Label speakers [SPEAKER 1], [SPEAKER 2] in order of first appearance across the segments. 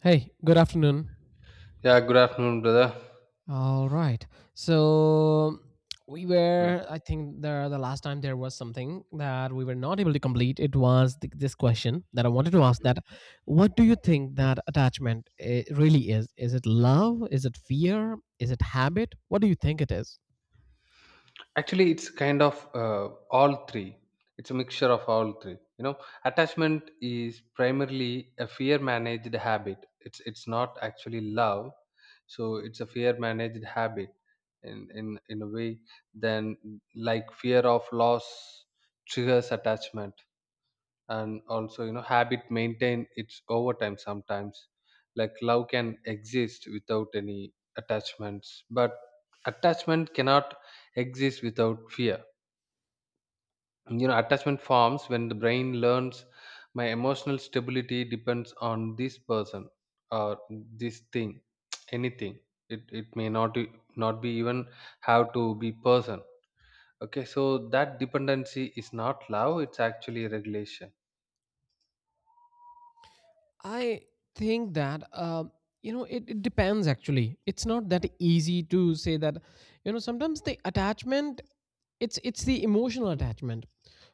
[SPEAKER 1] Hey, good afternoon.
[SPEAKER 2] Yeah, good afternoon, brother.
[SPEAKER 1] All right. So
[SPEAKER 2] Mm,
[SPEAKER 1] I think the last time there was something that we were not able to complete. It was this question that I wanted to ask
[SPEAKER 2] mhm.
[SPEAKER 1] that what do you think that attachment really is? Is it love? Is it fear? Is it habit? What do you think it is?
[SPEAKER 2] Actually, it's kind of all three. It's a mixture of all three. You know, attachment is primarily a fear managed habit. It's not actually love, so it's a fear managed habit in a way. Then, like fear of loss triggers attachment. And also, you know, habit maintain its over time sometimes. Like love can exist without any attachments, but attachment cannot exist without fear. You know, attachment forms when the brain learns my emotional stability depends on this person, or this thing, anything. It may not not be even have to be person. Okay, so that dependency is not love, it's actually regulation.
[SPEAKER 1] I think that you know it depends. Actually, it's not that easy to say that. You know, sometimes the attachment, it's the emotional attachment,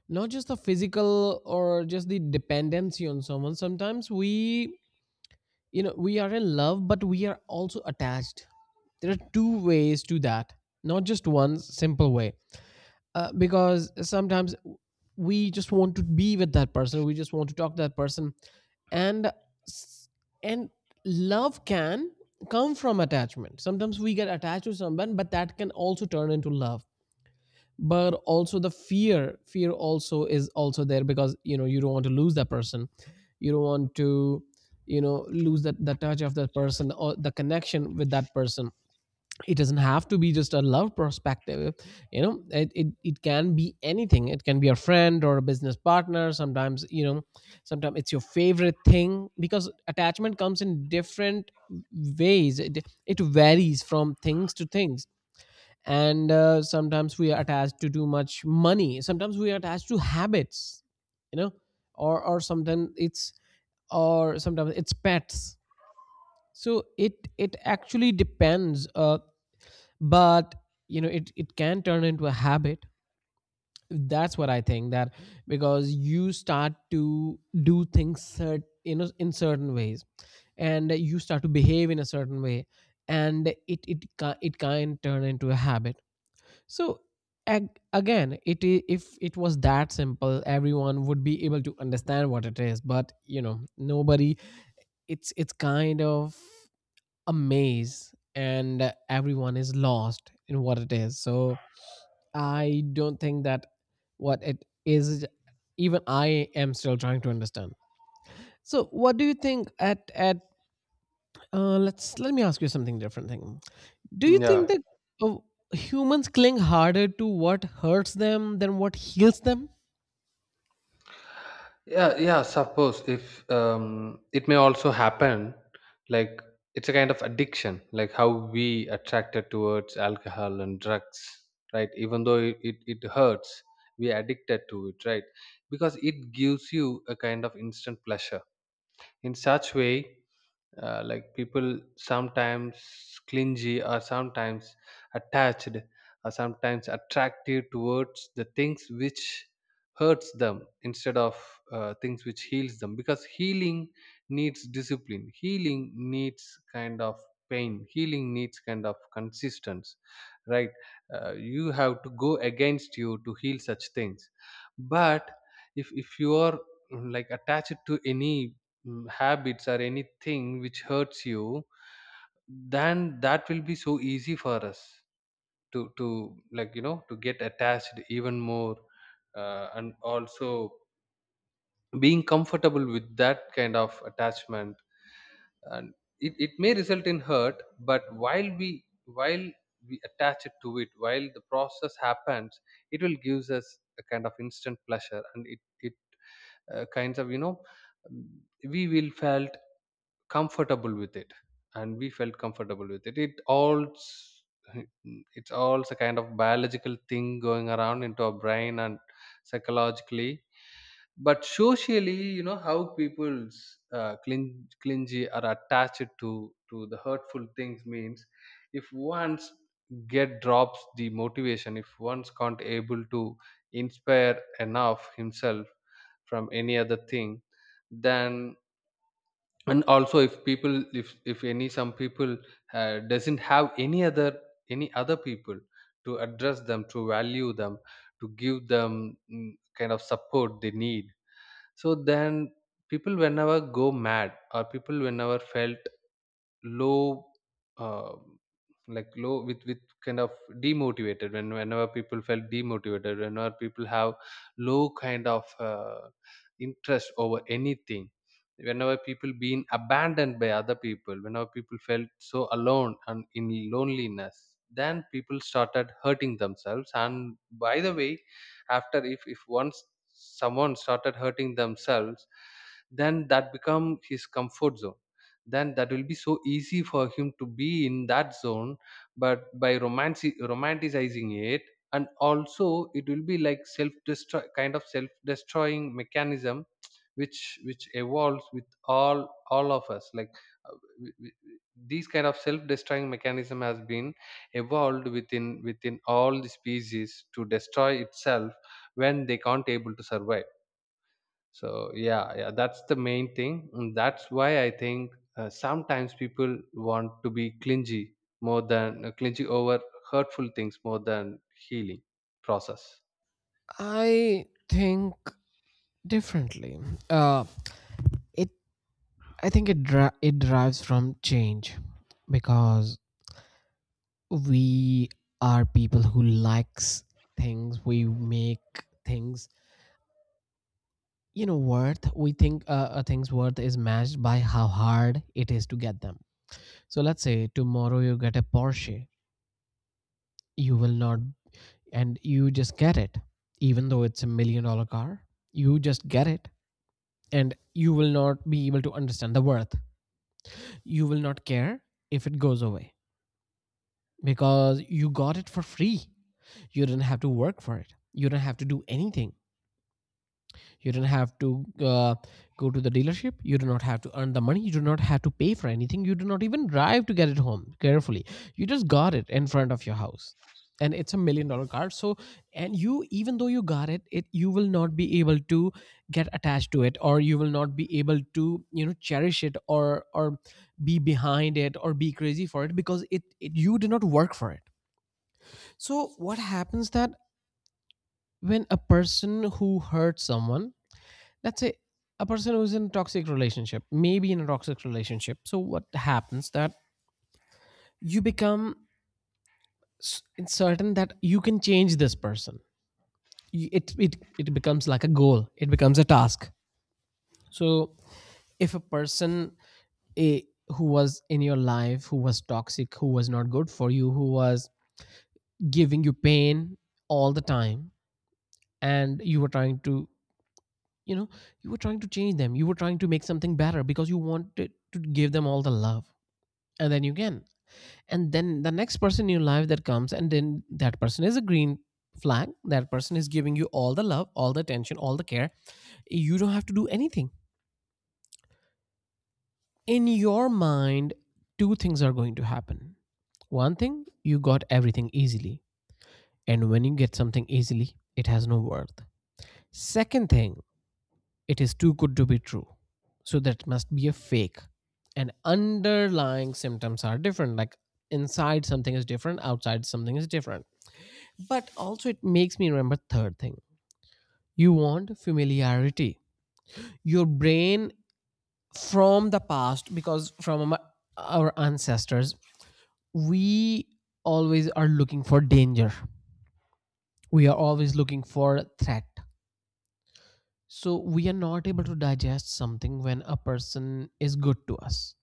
[SPEAKER 1] not just the physical or just the dependency on someone. Sometimes we, you know, we are in love, but we are also attached. There are two ways to that, not just one simple way, because sometimes we just want to be with that person, we just want to talk to that person. And and love can come from attachment. Sometimes we get attached to someone, but that can also turn into love. But also the fear also is also there, because you know you don't want to lose that person, you don't want to, you know, lose that the touch of that person or the connection with that person. It doesn't have to be just a love perspective. You know it can be anything. It can be a friend or a business partner. Sometimes, you know, sometimes it's your favorite thing, because attachment comes in different ways. It varies from things to things. And sometimes we are attached to too much money, sometimes we are attached to habits, you know, or or sometimes it's or sometimes it's pets. So it actually depends, but you know it can turn into a habit. That's what I think, that because you start to do things you know, in certain ways, and you start to behave in a certain way, and it can turn into a habit. So again, it if it was that simple, everyone would be able to understand what it is, but you know, nobody it's kind of a maze and everyone is lost in what it is. So I don't think that what it is, even I am still trying to understand. So what do you think at let me ask you something different thing. Do you
[SPEAKER 2] yeah
[SPEAKER 1] think that uh, humans cling harder to what hurts them than what heals them?
[SPEAKER 2] yeah yeah, suppose, if it may also happen. Like, it's a kind of addiction, like how we attracted towards alcohol and drugs, right? Even though it hurts, we addicted to it, right? Because it gives you a kind of instant pleasure. In such way, like people sometimes clingy, or sometimes attached, or sometimes attractive towards the things which hurts them, instead of things which heals them. Because healing needs discipline, healing needs kind of pain, healing needs kind of consistency, right? You have to go against you to heal such things. But if you are like attached to any habits or anything which hurts you, then that will be so easy for us to like, you know, to get attached even more. And also being comfortable with that kind of attachment. And it may result in hurt, but while we attach it to it, while the process happens, it will gives us a kind of instant pleasure. And it kinds of, you know, um, we will felt comfortable with it. And we felt comfortable with it, it all it's all a kind of biological thing going around into our brain and psychologically. But socially, you know, how people's clingy are attached to the hurtful things means, if once get drops the motivation, if one's can't able to inspire enough himself from any other thing, then, and also if people, if any some people doesn't have any other, any other people to address them, to value them, to give them kind of support they need. So then, people whenever go mad, or people whenever felt low, uh, like low with kind of demotivated. When whenever people felt demotivated, whenever people have low kind of interest over anything, whenever people being abandoned by other people, whenever people felt so alone and in loneliness, then people started hurting themselves. And by the way, after, if once someone started hurting themselves, then that become his comfort zone. Then that will be so easy for him to be in that zone, but by romanticizing it. And also it will be like self destroy, kind of self destroying mechanism, which evolves with all of us. Like uh, w- w- w- these kind of self destroying mechanism has been evolved within all the species, to destroy itself when they can't able to survive. So yeah, that's the main thing. And that's why I think, sometimes people want to be clingy more than, clingy over hurtful things more than healing process.
[SPEAKER 1] I think differently. Uh, it I think it derives from change, because we are people who likes things, we make things, you know, worth. We think a thing's worth is matched by how hard it is to get them. So let's say tomorrow you get a Porsche. You will not, and you just get it, even though it's a million dollar car, you just get it, and you will not be able to understand the worth. You will not care if it goes away, because you got it for free. You didn't have to work for it, you don't have to do anything. You don't have to, go to the dealership, you do not have to earn the money, you do not have to pay for anything, you do not even drive to get it home carefully. You just got it in front of your house, and it's a million dollar car. So, and you, even though you got it, you will not be able to get attached to it, or you will not be able to, you know, cherish it or or be behind it or be crazy for it, because it you did not work for it. So what happens that when a person who hurts someone, let's say a person who's in a toxic relationship, maybe in a toxic relationship, so what happens that you become certain that you can change this person. It becomes like a goal, it becomes a task. So if a person, eh, who was in your life, who was toxic, who was not good for you, who was giving you pain all the time, and you were trying to, you know, you were trying to change them, you were trying to make something better because you wanted to give them all the love. And then you can, and then the next person in your life that comes, and then that person is a green flag, that person is giving you all the love, all the attention, all the care, you don't have to do anything. In your mind, two things are going to happen. One thing, you got everything easily, and when you get something easily, it has no worth. Second thing, it is too good to be true, so that must be a fake. And underlying symptoms are different, like inside something is different, outside something is different. But also, it makes me remember third thing. You want familiarity. Your brain, from the past, because from our ancestors, we always are looking for danger. We are always looking for threat. So we are not able to digest something when a person is good to us,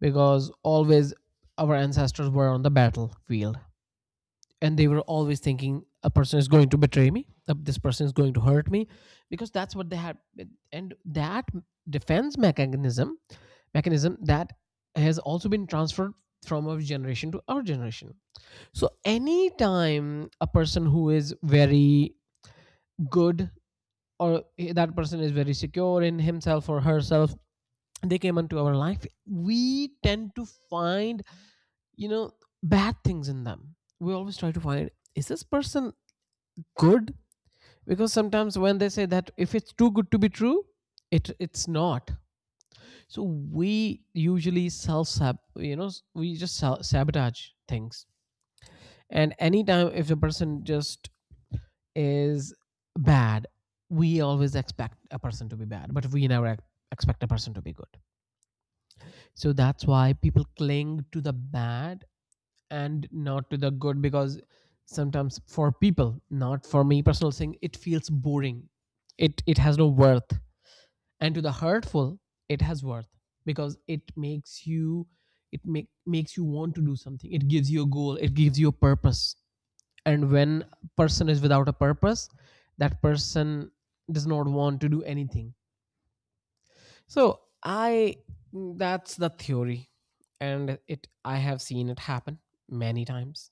[SPEAKER 1] because always our ancestors were on the battlefield, and they were always thinking a person is going to betray me, this person is going to hurt me, because that's what they had. And that defense mechanism that has also been transferred from our generation to our generation. So anytime a person who is very good, or that person is very secure in himself or herself, they came into our life, we tend to find, you know, bad things in them. We always try to find, is this person good? Because sometimes when they say that if it's too good to be true, it's not. So we usually self sab you know, we just sabotage things. And anytime if the person just is bad, we always expect a person to be bad, but we never expect a person to be good. So that's why people cling to the bad and not to the good, because sometimes for people, not for me personal thing, it feels boring, it has no worth. And to the hurtful, it has worth, because it makes you, makes you want to do something, it gives you a goal, it gives you a purpose. And when a person is without a purpose, that person does not want to do anything. So I that's the theory, and it I have seen it happen many times.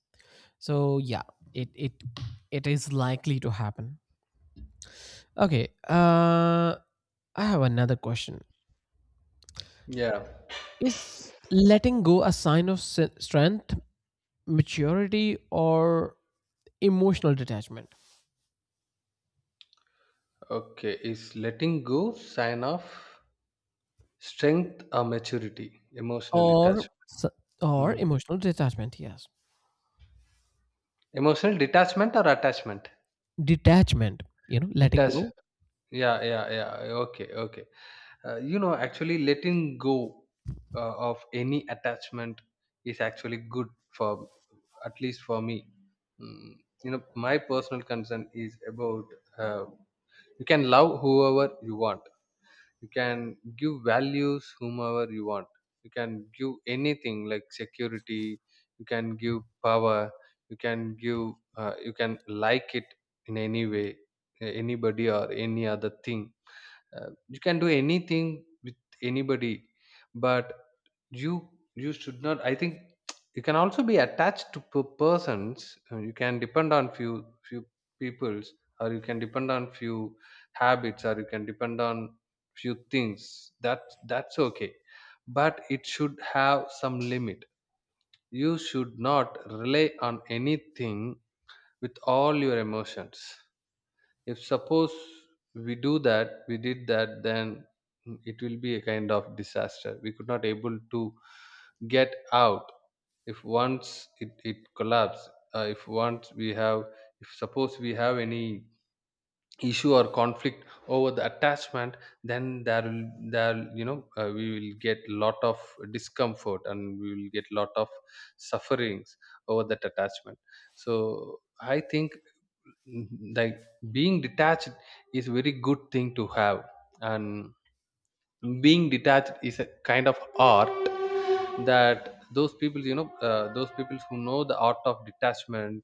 [SPEAKER 1] So yeah, it it it is likely to happen. Okay, I have another question. Is letting go a sign of strength, maturity, or emotional detachment?
[SPEAKER 2] Okay, is letting go sign of strength, or maturity, emotional detachment?
[SPEAKER 1] Or s- or
[SPEAKER 2] Hmm.
[SPEAKER 1] emotional detachment, yes.
[SPEAKER 2] Emotional detachment or attachment,
[SPEAKER 1] Detachment, you know, letting
[SPEAKER 2] detach.
[SPEAKER 1] go.
[SPEAKER 2] Yeah. Okay. You know, actually, letting go of any attachment is actually good for, at least for me. mm, you know, my personal concern is about, uh, you can love whoever you want, you can give values whomever you want, you can give anything, like security, you can give power, you can give, you can like it in any way, anybody or any other thing. You can do anything with anybody. But you you should not, I think, you can also be attached to persons. You can depend on few peoples, or you can depend on few habits, or you can depend on few things. That, that's okay, but it should have some limit. You should not rely on anything with all your emotions. If suppose we do that, we did that, then it will be a kind of disaster. We could not able to get out if once it collapse. uh, if once we have if suppose we have any issue or conflict over the attachment, then there will, there, you know, we will get lot of discomfort, and we will get lot of sufferings over that attachment. So I think, mm, like, being detached is very good thing to have. And being detached is a kind of art, that those people, you know, those people who know the art of detachment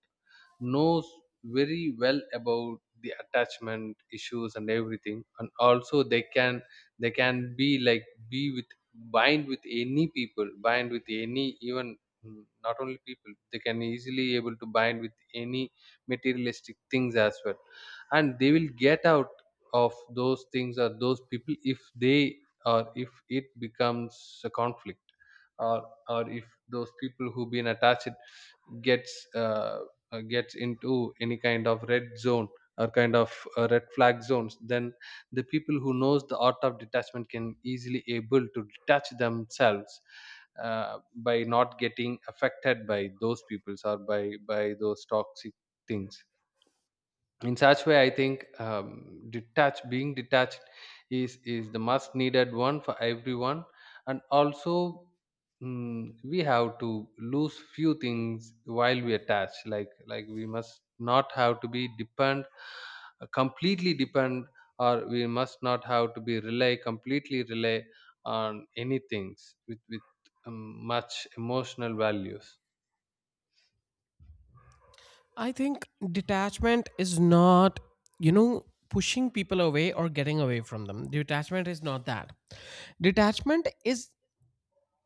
[SPEAKER 2] knows very well about the attachment issues and everything. And also, they can be like, be with, bind with any people, bind with any, even not only people, they can easily able to bind with any materialistic things as well. And they will get out of those things or those people, if they, or if it becomes a conflict. Or if those people who been attached gets gets into any kind of red zone, or kind of red flag zones, then the people who knows the art of detachment can easily able to detach themselves, by not getting affected by those peoples, or by those toxic things. In such way, I think, detached being detached is the must needed one for everyone. And also, we have to lose few things while we attach. Like we must not have to be depend, completely depend. Or we must not have to be rely, completely rely, on any things with um, much emotional values.
[SPEAKER 1] I think detachment is not, you know, pushing people away or getting away from them. Detachment is not that. Detachment is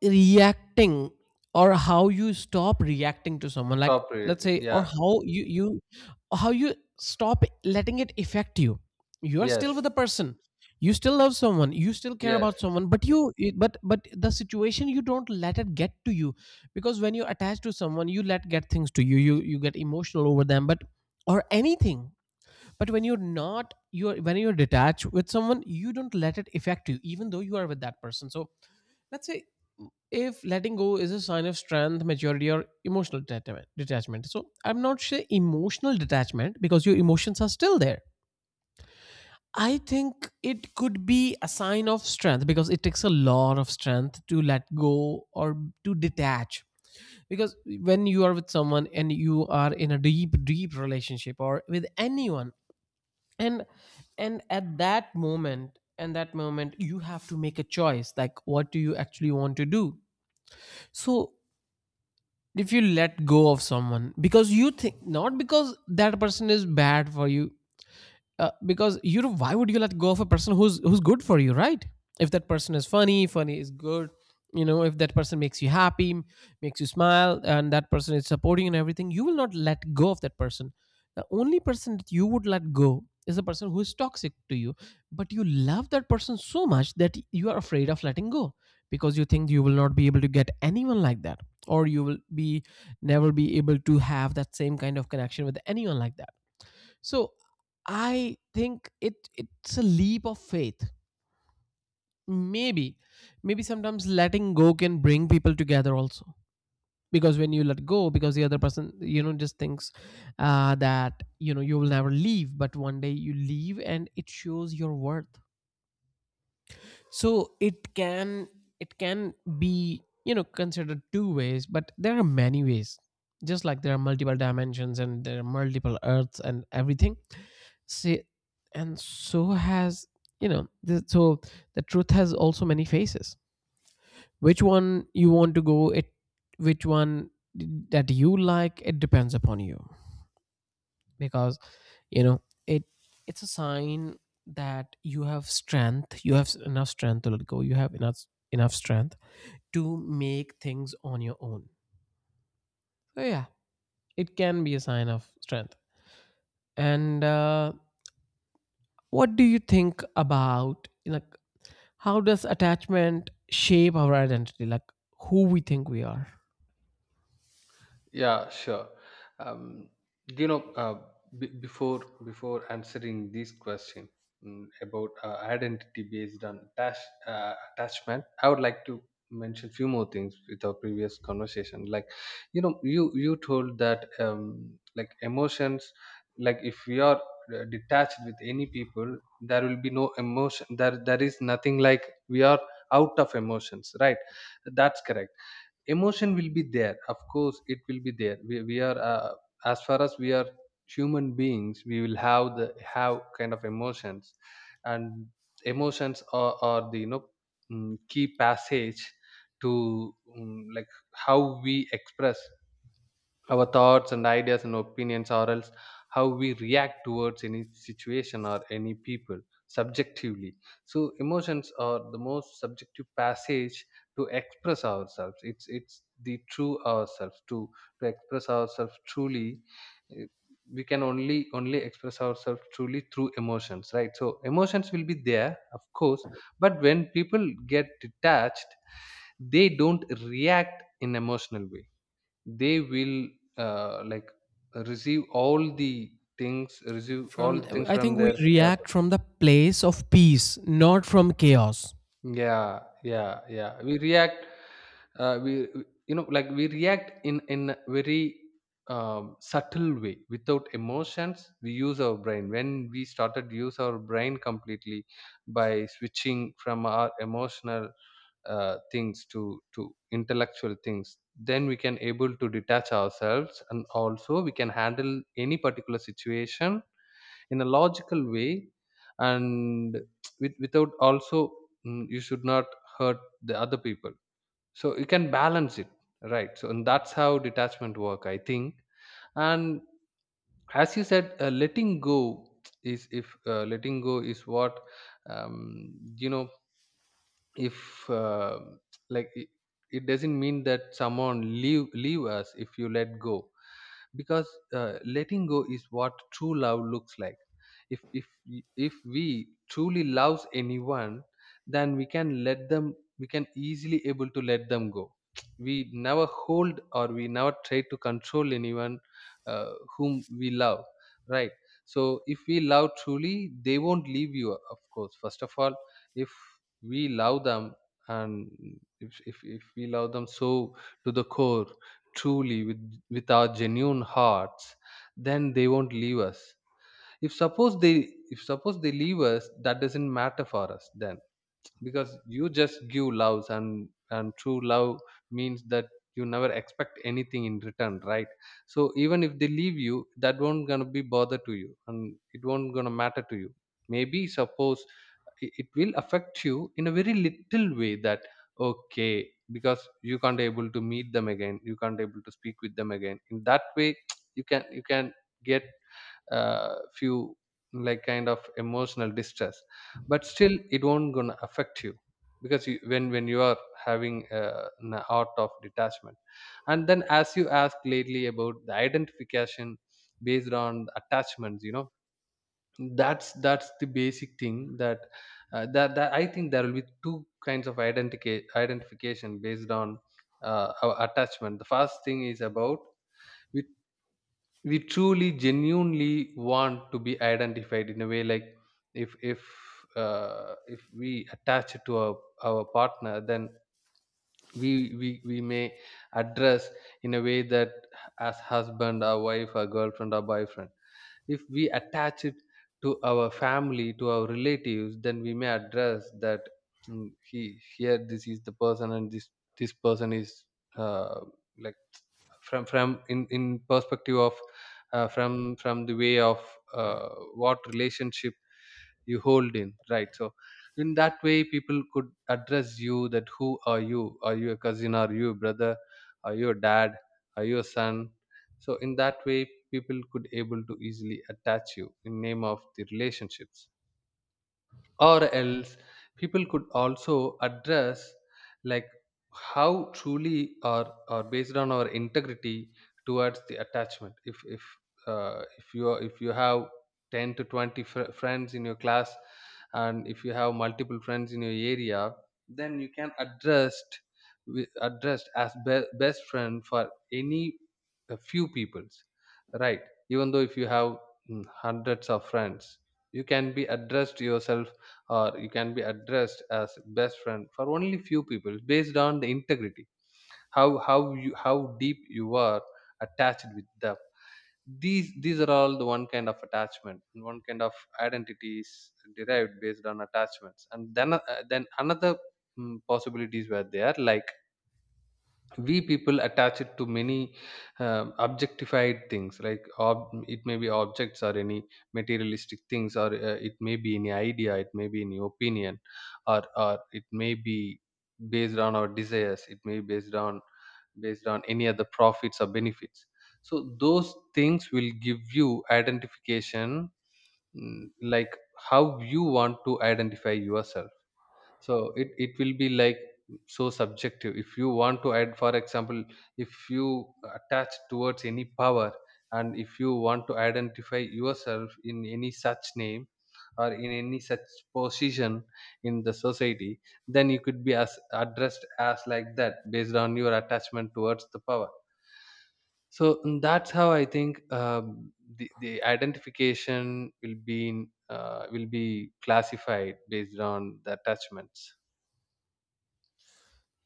[SPEAKER 1] reacting, or how you stop reacting to someone, like
[SPEAKER 2] Stop
[SPEAKER 1] let's
[SPEAKER 2] reading,
[SPEAKER 1] say, or
[SPEAKER 2] yeah.
[SPEAKER 1] how you, how you stop letting it affect you. You are still
[SPEAKER 2] Yes,
[SPEAKER 1] with the person, you still love someone, you still care
[SPEAKER 2] yes.
[SPEAKER 1] about someone, but you but the situation you don't let it get to you, because when you're attached to someone you let get things to you get emotional over them, but, or anything, but when you're not, you're when you're detached with someone, you don't let it affect you even though you are with that person. So let's say if letting go is a sign of strength, maturity, or emotional detachment. Detachment. So I'm not sure emotional detachment, because your emotions are still there. I think it could be a sign of strength because it takes a lot of strength to let go or to detach. Because when you are with someone and you are in a deep, deep relationship or with anyone, and and at that moment, and that moment, you have to make a choice. Like, what do you actually want to do? So if you let go of someone because you think, not because that person is bad for you, because you know, why would you let go of a person who's good for you, right? If that person is funny is good, you know, if that person makes you happy, makes you smile, and that person is supporting you and everything, you will not let go of that person. The only person that you would let go is the person who is toxic to you, but you love that person so much that you are afraid of letting go, because you think you will not be able to get anyone like that, or you will be never be able to have that same kind of connection with anyone like that. So I think it's a leap of faith. Maybe, maybe sometimes letting go can bring people together also. Because when you let go, because the other person, just thinks that you will never leave, but one day you leave, and it shows your worth. So it can be considered two ways, but there are many ways. Just like there are multiple dimensions and there are multiple earths and everything. See, and so has you know. So the truth has also many faces. Which one you want to go? It Which one that you like? It depends upon you, because you know it. It's a sign that you have strength. You have enough strength to let go. You have enough strength to make things on your own. So yeah, it can be a sign of strength. And What do you think about, like, how does attachment shape our identity, like who we think we are?
[SPEAKER 2] Yeah, sure. Um, do you know, before answering this question about identity based on attachment, I would like to mention few more things with our previous conversation. Like, you know, you told that like emotions, like if we are detached with any people, there will be no emotion. There is nothing like we are out of emotions, right? That's correct. Emotion will be there, of course it will be there. We are, as far as we are human beings, we will have the have kind of emotions. And emotions are the, you know, key passage to, like how we express our thoughts and ideas and opinions. Or else, how we react towards any situation or any people, subjectively. So emotions are the most subjective passage to express ourselves. It's the true ourselves to express ourselves truly. eh, We can only express ourselves truly through emotions, right? So emotions will be there, of course, but when people get detached, they don't react in emotional way. They will, like, receive all the things, receive all
[SPEAKER 1] From
[SPEAKER 2] the things
[SPEAKER 1] I
[SPEAKER 2] from
[SPEAKER 1] think we
[SPEAKER 2] their, yeah.
[SPEAKER 1] react from the place of peace, not from chaos.
[SPEAKER 2] Yeah. We react, you know, like we react in a very subtle way, without emotions. We use our brain when we started use our brain completely, by switching from our emotional things to intellectual things. Then we can able to detach ourselves. And also, we can handle any particular situation in a logical way. And with, without also, you should not hurt the other people, so you can balance it, right? So, and that's how detachment work, I think. And as you said, letting go is, if letting go is what, you know, if like it doesn't mean that someone leave us if you let go. Because, letting go is what true love looks like. If if we truly loves anyone, then we can let them, we can easily able to let them go. We never hold, or we never try to control anyone whom we love, right? So if we love truly, they won't leave you, of course. First of all, if we love them, and if we love them, so to the core, truly with our genuine hearts, then they won't leave us. If suppose they leave us, that doesn't matter for us then. Because you just give loves, and true love means that you never expect anything in return, right? So even if they leave you, that won't gonna be bother to you, and it won't gonna matter to you. Maybe, suppose, it will affect you in a very little way. That, okay, because you can't able to meet them again, you can't able to speak with them again, in that way. You can get, few, like, kind Of emotional distress, but still it won't gonna affect you because you, when you are having an art of detachment. And then, as you asked lately about the identification based on the attachments, that's the basic thing that I think there will be two kinds of identification based on our attachment. The first thing is about with we truly genuinely want to be identified in a way, like if if if we attach it to our partner, then we may address in a way that as husband or wife or girlfriend or boyfriend. If we attach it to our family, to our relatives, then we may address that, "Mm, he here this is the person, and this person is uh, like from in perspective of, from the way of, uh, what relationship you hold in, right?" So in that way people could address you that who are you, are you a cousin, are you a brother, are you a dad, are you a son. So in that way people could able to easily attach you in name of the relationships. Or else, people could also address, like, how truly, or based on our integrity towards the attachment. If you are, if you have 10 to 20 friends in your class, and if you have multiple friends in your area, then you can addressed addressed as best friend for any a few peoples, right? Even though if you have hundreds of friends, you can be addressed yourself, or you can be addressed as best friend for only few people based on the integrity, how you how deep you are attached with them. These are all the one kind of attachment, one kind of identities derived based on attachments. And then another possibilities were there, like we people attach it to many objectified things, like it may be objects or any materialistic things, or it may be any idea, it may be any opinion, or it may be based on our desires, it may be based on based on any other profits or benefits. So those things will give you identification, like how you want to identify yourself. So it will be like so subjective. If you want to add, for example, if you attach towards any power, and if you want to identify yourself in any such name, or in any such position in the society, then you could be as addressed as like that based on your attachment towards the power. So that's how I think, the identification will be in, will be classified based on the attachments.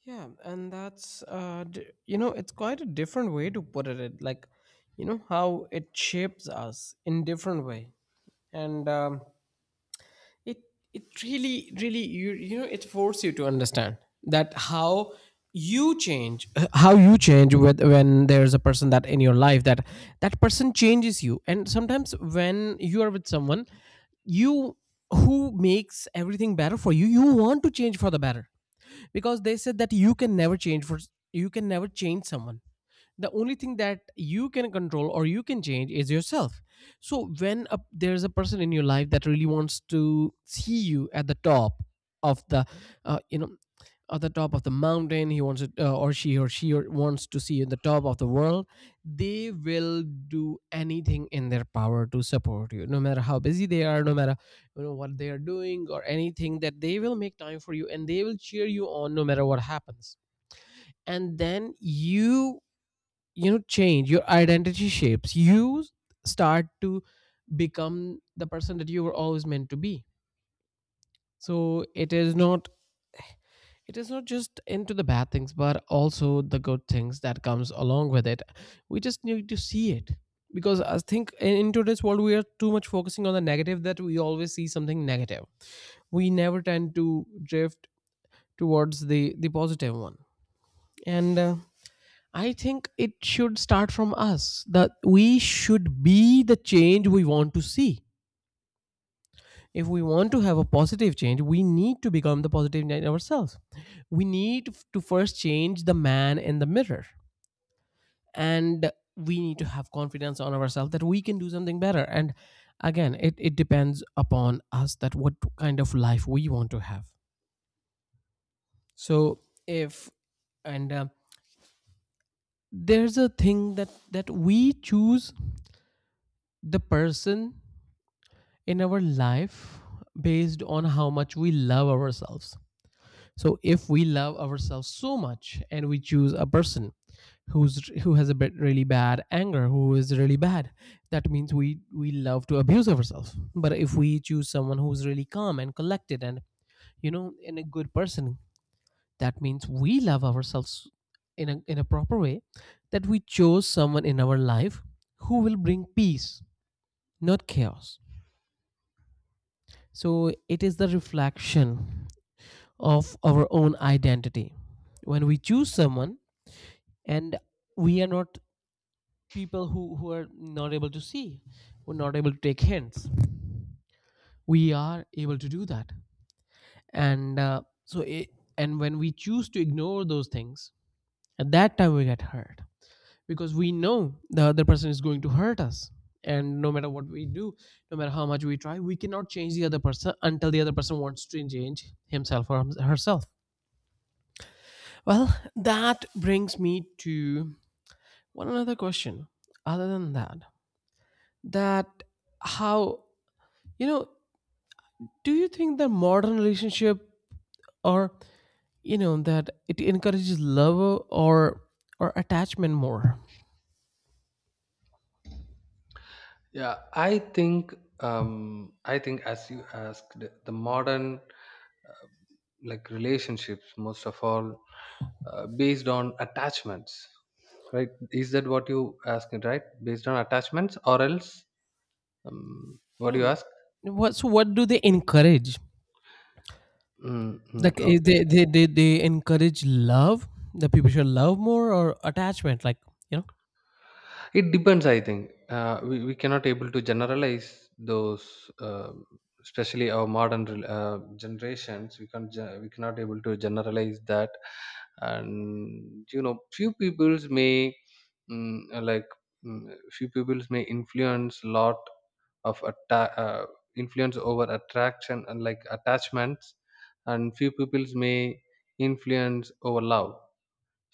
[SPEAKER 1] Yeah, and that's it's quite a different way to put it, like, you know how it shapes us in different way. And it it really really it forces you to understand that how you change with, when there's a person that in your life, that person changes you. And sometimes when you are with someone you who makes everything better for you, you want to change for the better, because they said that you can never change someone. The only thing that you can control or you can change is yourself. So when there's a person in your life that really wants to see you at the top of the you know at the top of the mountain, he wants it, or she wants to see you in the top of the world. They will do anything in their power to support you, no matter how busy they are, no matter what they are doing or anything, that they will make time for you, and they will cheer you on no matter what happens. And then change your identity, shapes you, start to become the person that you were always meant to be. So it is not, it is not just into the bad things, but also the good things that comes along with it. We just need to see it, because I think in today's world we are too much focusing on the negative, that we always see something negative. We never tend to drift towards the positive one. And I think it should start from us, that we should be the change we want to see. If we want to have a positive change, we need to become the positive in ourselves. We need to first change the man in the mirror. And we need to have confidence on ourselves that we can do something better. And again, it depends upon us that what kind of life we want to have. So if, and there's a thing that we choose the person in our life based on how much we love ourselves. So if we love ourselves so much and we choose a person who has a bit really bad anger, who is really bad, that means we love to abuse ourselves. But if we choose someone who's really calm and collected, and you know and a good person, that means we love ourselves in a proper way, that we chose someone in our life who will bring peace, not chaos. So it is the reflection of our own identity. When we choose someone, and we are not people who, are not able to see, who are not able to take hints, we are able to do that. And and when we choose to ignore those things, at that time we get hurt, because we know the other person is going to hurt us. And no matter what we do, no matter how much we try, we cannot change the other person until the other person wants to change himself or herself. Well, that brings me to one another question other than that, that how, you know do you think that modern relationship, or you know that it encourages love, or attachment more?
[SPEAKER 2] Yeah, I think as you asked, the modern uh, like relationships, most of all, based on attachments, right? Is that what you asking, right? Based on attachments, or else,
[SPEAKER 1] you
[SPEAKER 2] what do you
[SPEAKER 1] know
[SPEAKER 2] ask?
[SPEAKER 1] what do they encourage,
[SPEAKER 2] Mm-hmm.
[SPEAKER 1] like,
[SPEAKER 2] Okay.
[SPEAKER 1] they encourage love, that people should love more, or attachment, like, you know?
[SPEAKER 2] It depends, I think. We cannot able to generalize those, especially our modern generations. We can't ge- we cannot able to generalize that. And you know, few peoples may like few peoples may influence lot of influence over attraction and like attachments, and few peoples may influence over love.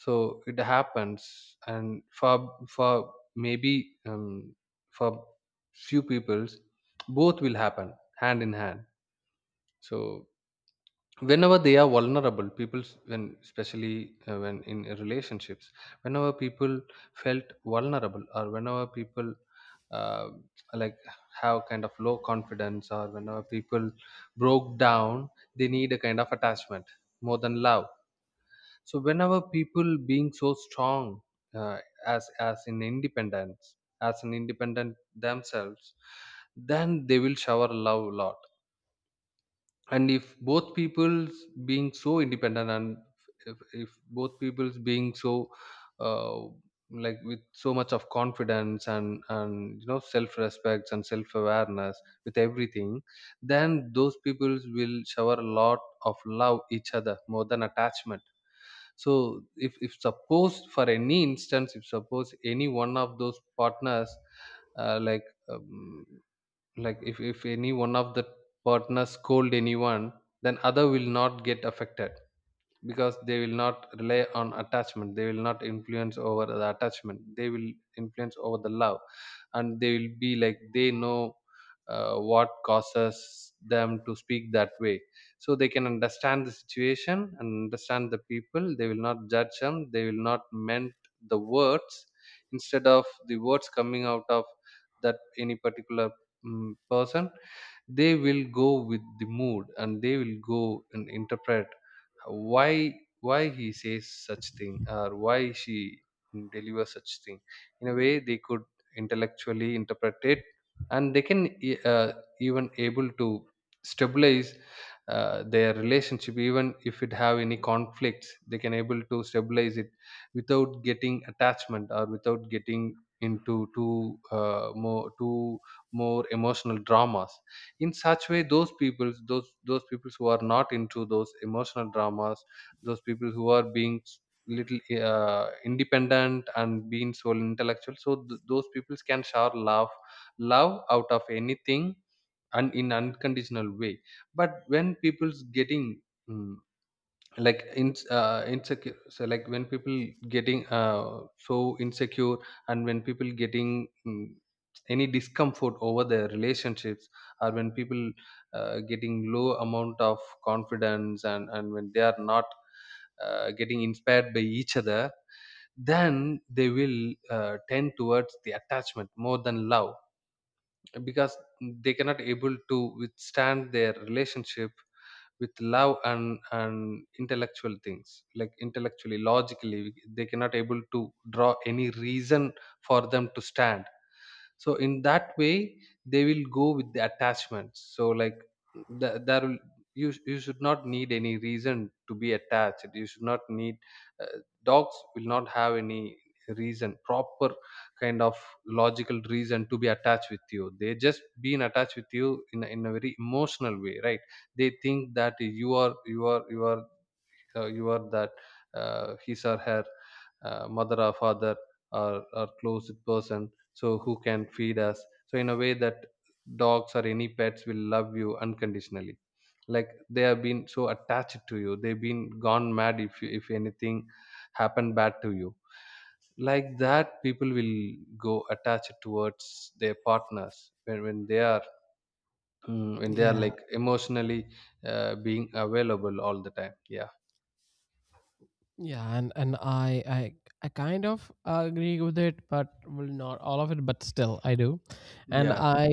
[SPEAKER 2] So it happens. And for maybe for few peoples both will happen hand in hand. So whenever they are vulnerable people, when especially when in relationships, whenever people felt vulnerable, or whenever people uh, like have kind of low confidence, or whenever people broke down, they need a kind of attachment more than love. So whenever people being so strong, uh, as in independence, as an independent themselves, then they will shower love a lot. And if both peoples being so independent, and if both peoples being so uh, like with so much of confidence, and you know self respect and self awareness with everything, then those peoples will shower a lot of love each other more than attachment. So if suppose for any instance, if suppose any one of those partners uh, like um, like if any one of the partners scold anyone, then other will not get affected, because they will not rely on attachment, they will not influence over the attachment, they will influence over the love. And they will be like, they know what causes them to speak that way. So they can understand the situation and understand the people, they will not judge them, they will not meant the words, instead of the words coming out of that any particular person. They will go with the mood, and they will go and interpret why why he says such thing or why she delivers such thing, in a way they could intellectually interpret it. And they can even able to stabilize their relationship, even if it have any conflicts, they can able to stabilize it without getting attachment, or without getting into too more too more emotional dramas. In such way, those people, those people who are not into those emotional dramas, those people who are being little independent and being so intellectual, so those people can shower love, love out of anything, and in unconditional way. But when people's getting mm, like in insecure, so like when people getting so insecure, and when people getting any discomfort over their relationships, or when people getting low amount of confidence, and when they are not getting inspired by each other, then they will tend towards the attachment more than love, because they cannot able to withstand their relationship with love and intellectual things. Like, intellectually, logically, they cannot able to draw any reason for them to stand. So in that way they will go with the attachments. So like, there will, you, you should not need any reason to be attached. You should not need uh, dogs will not have any reason, proper kind of logical reason, to be attached with you. They just been attached with you in a very emotional way, right? They think that you are you are you are that, his or her, mother or father, or close person, so who can feed us. So in a way that dogs or any pets will love you unconditionally, like they have been so attached to you, they've been gone mad if you, if anything happened bad to you. Like that people will go attached towards their partners when they are when they are
[SPEAKER 1] Yeah,
[SPEAKER 2] like emotionally being available all the time. Yeah.
[SPEAKER 1] yeah, and i I kind of agree with it, but, well, not all of it, but still I do. And
[SPEAKER 2] Yeah.
[SPEAKER 1] I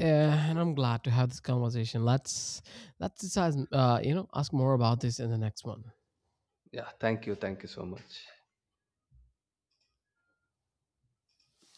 [SPEAKER 1] Yeah, and I'm glad to have this conversation. Let's decide, ask more about this in the next one.
[SPEAKER 2] Yeah, thank you, thank you so much.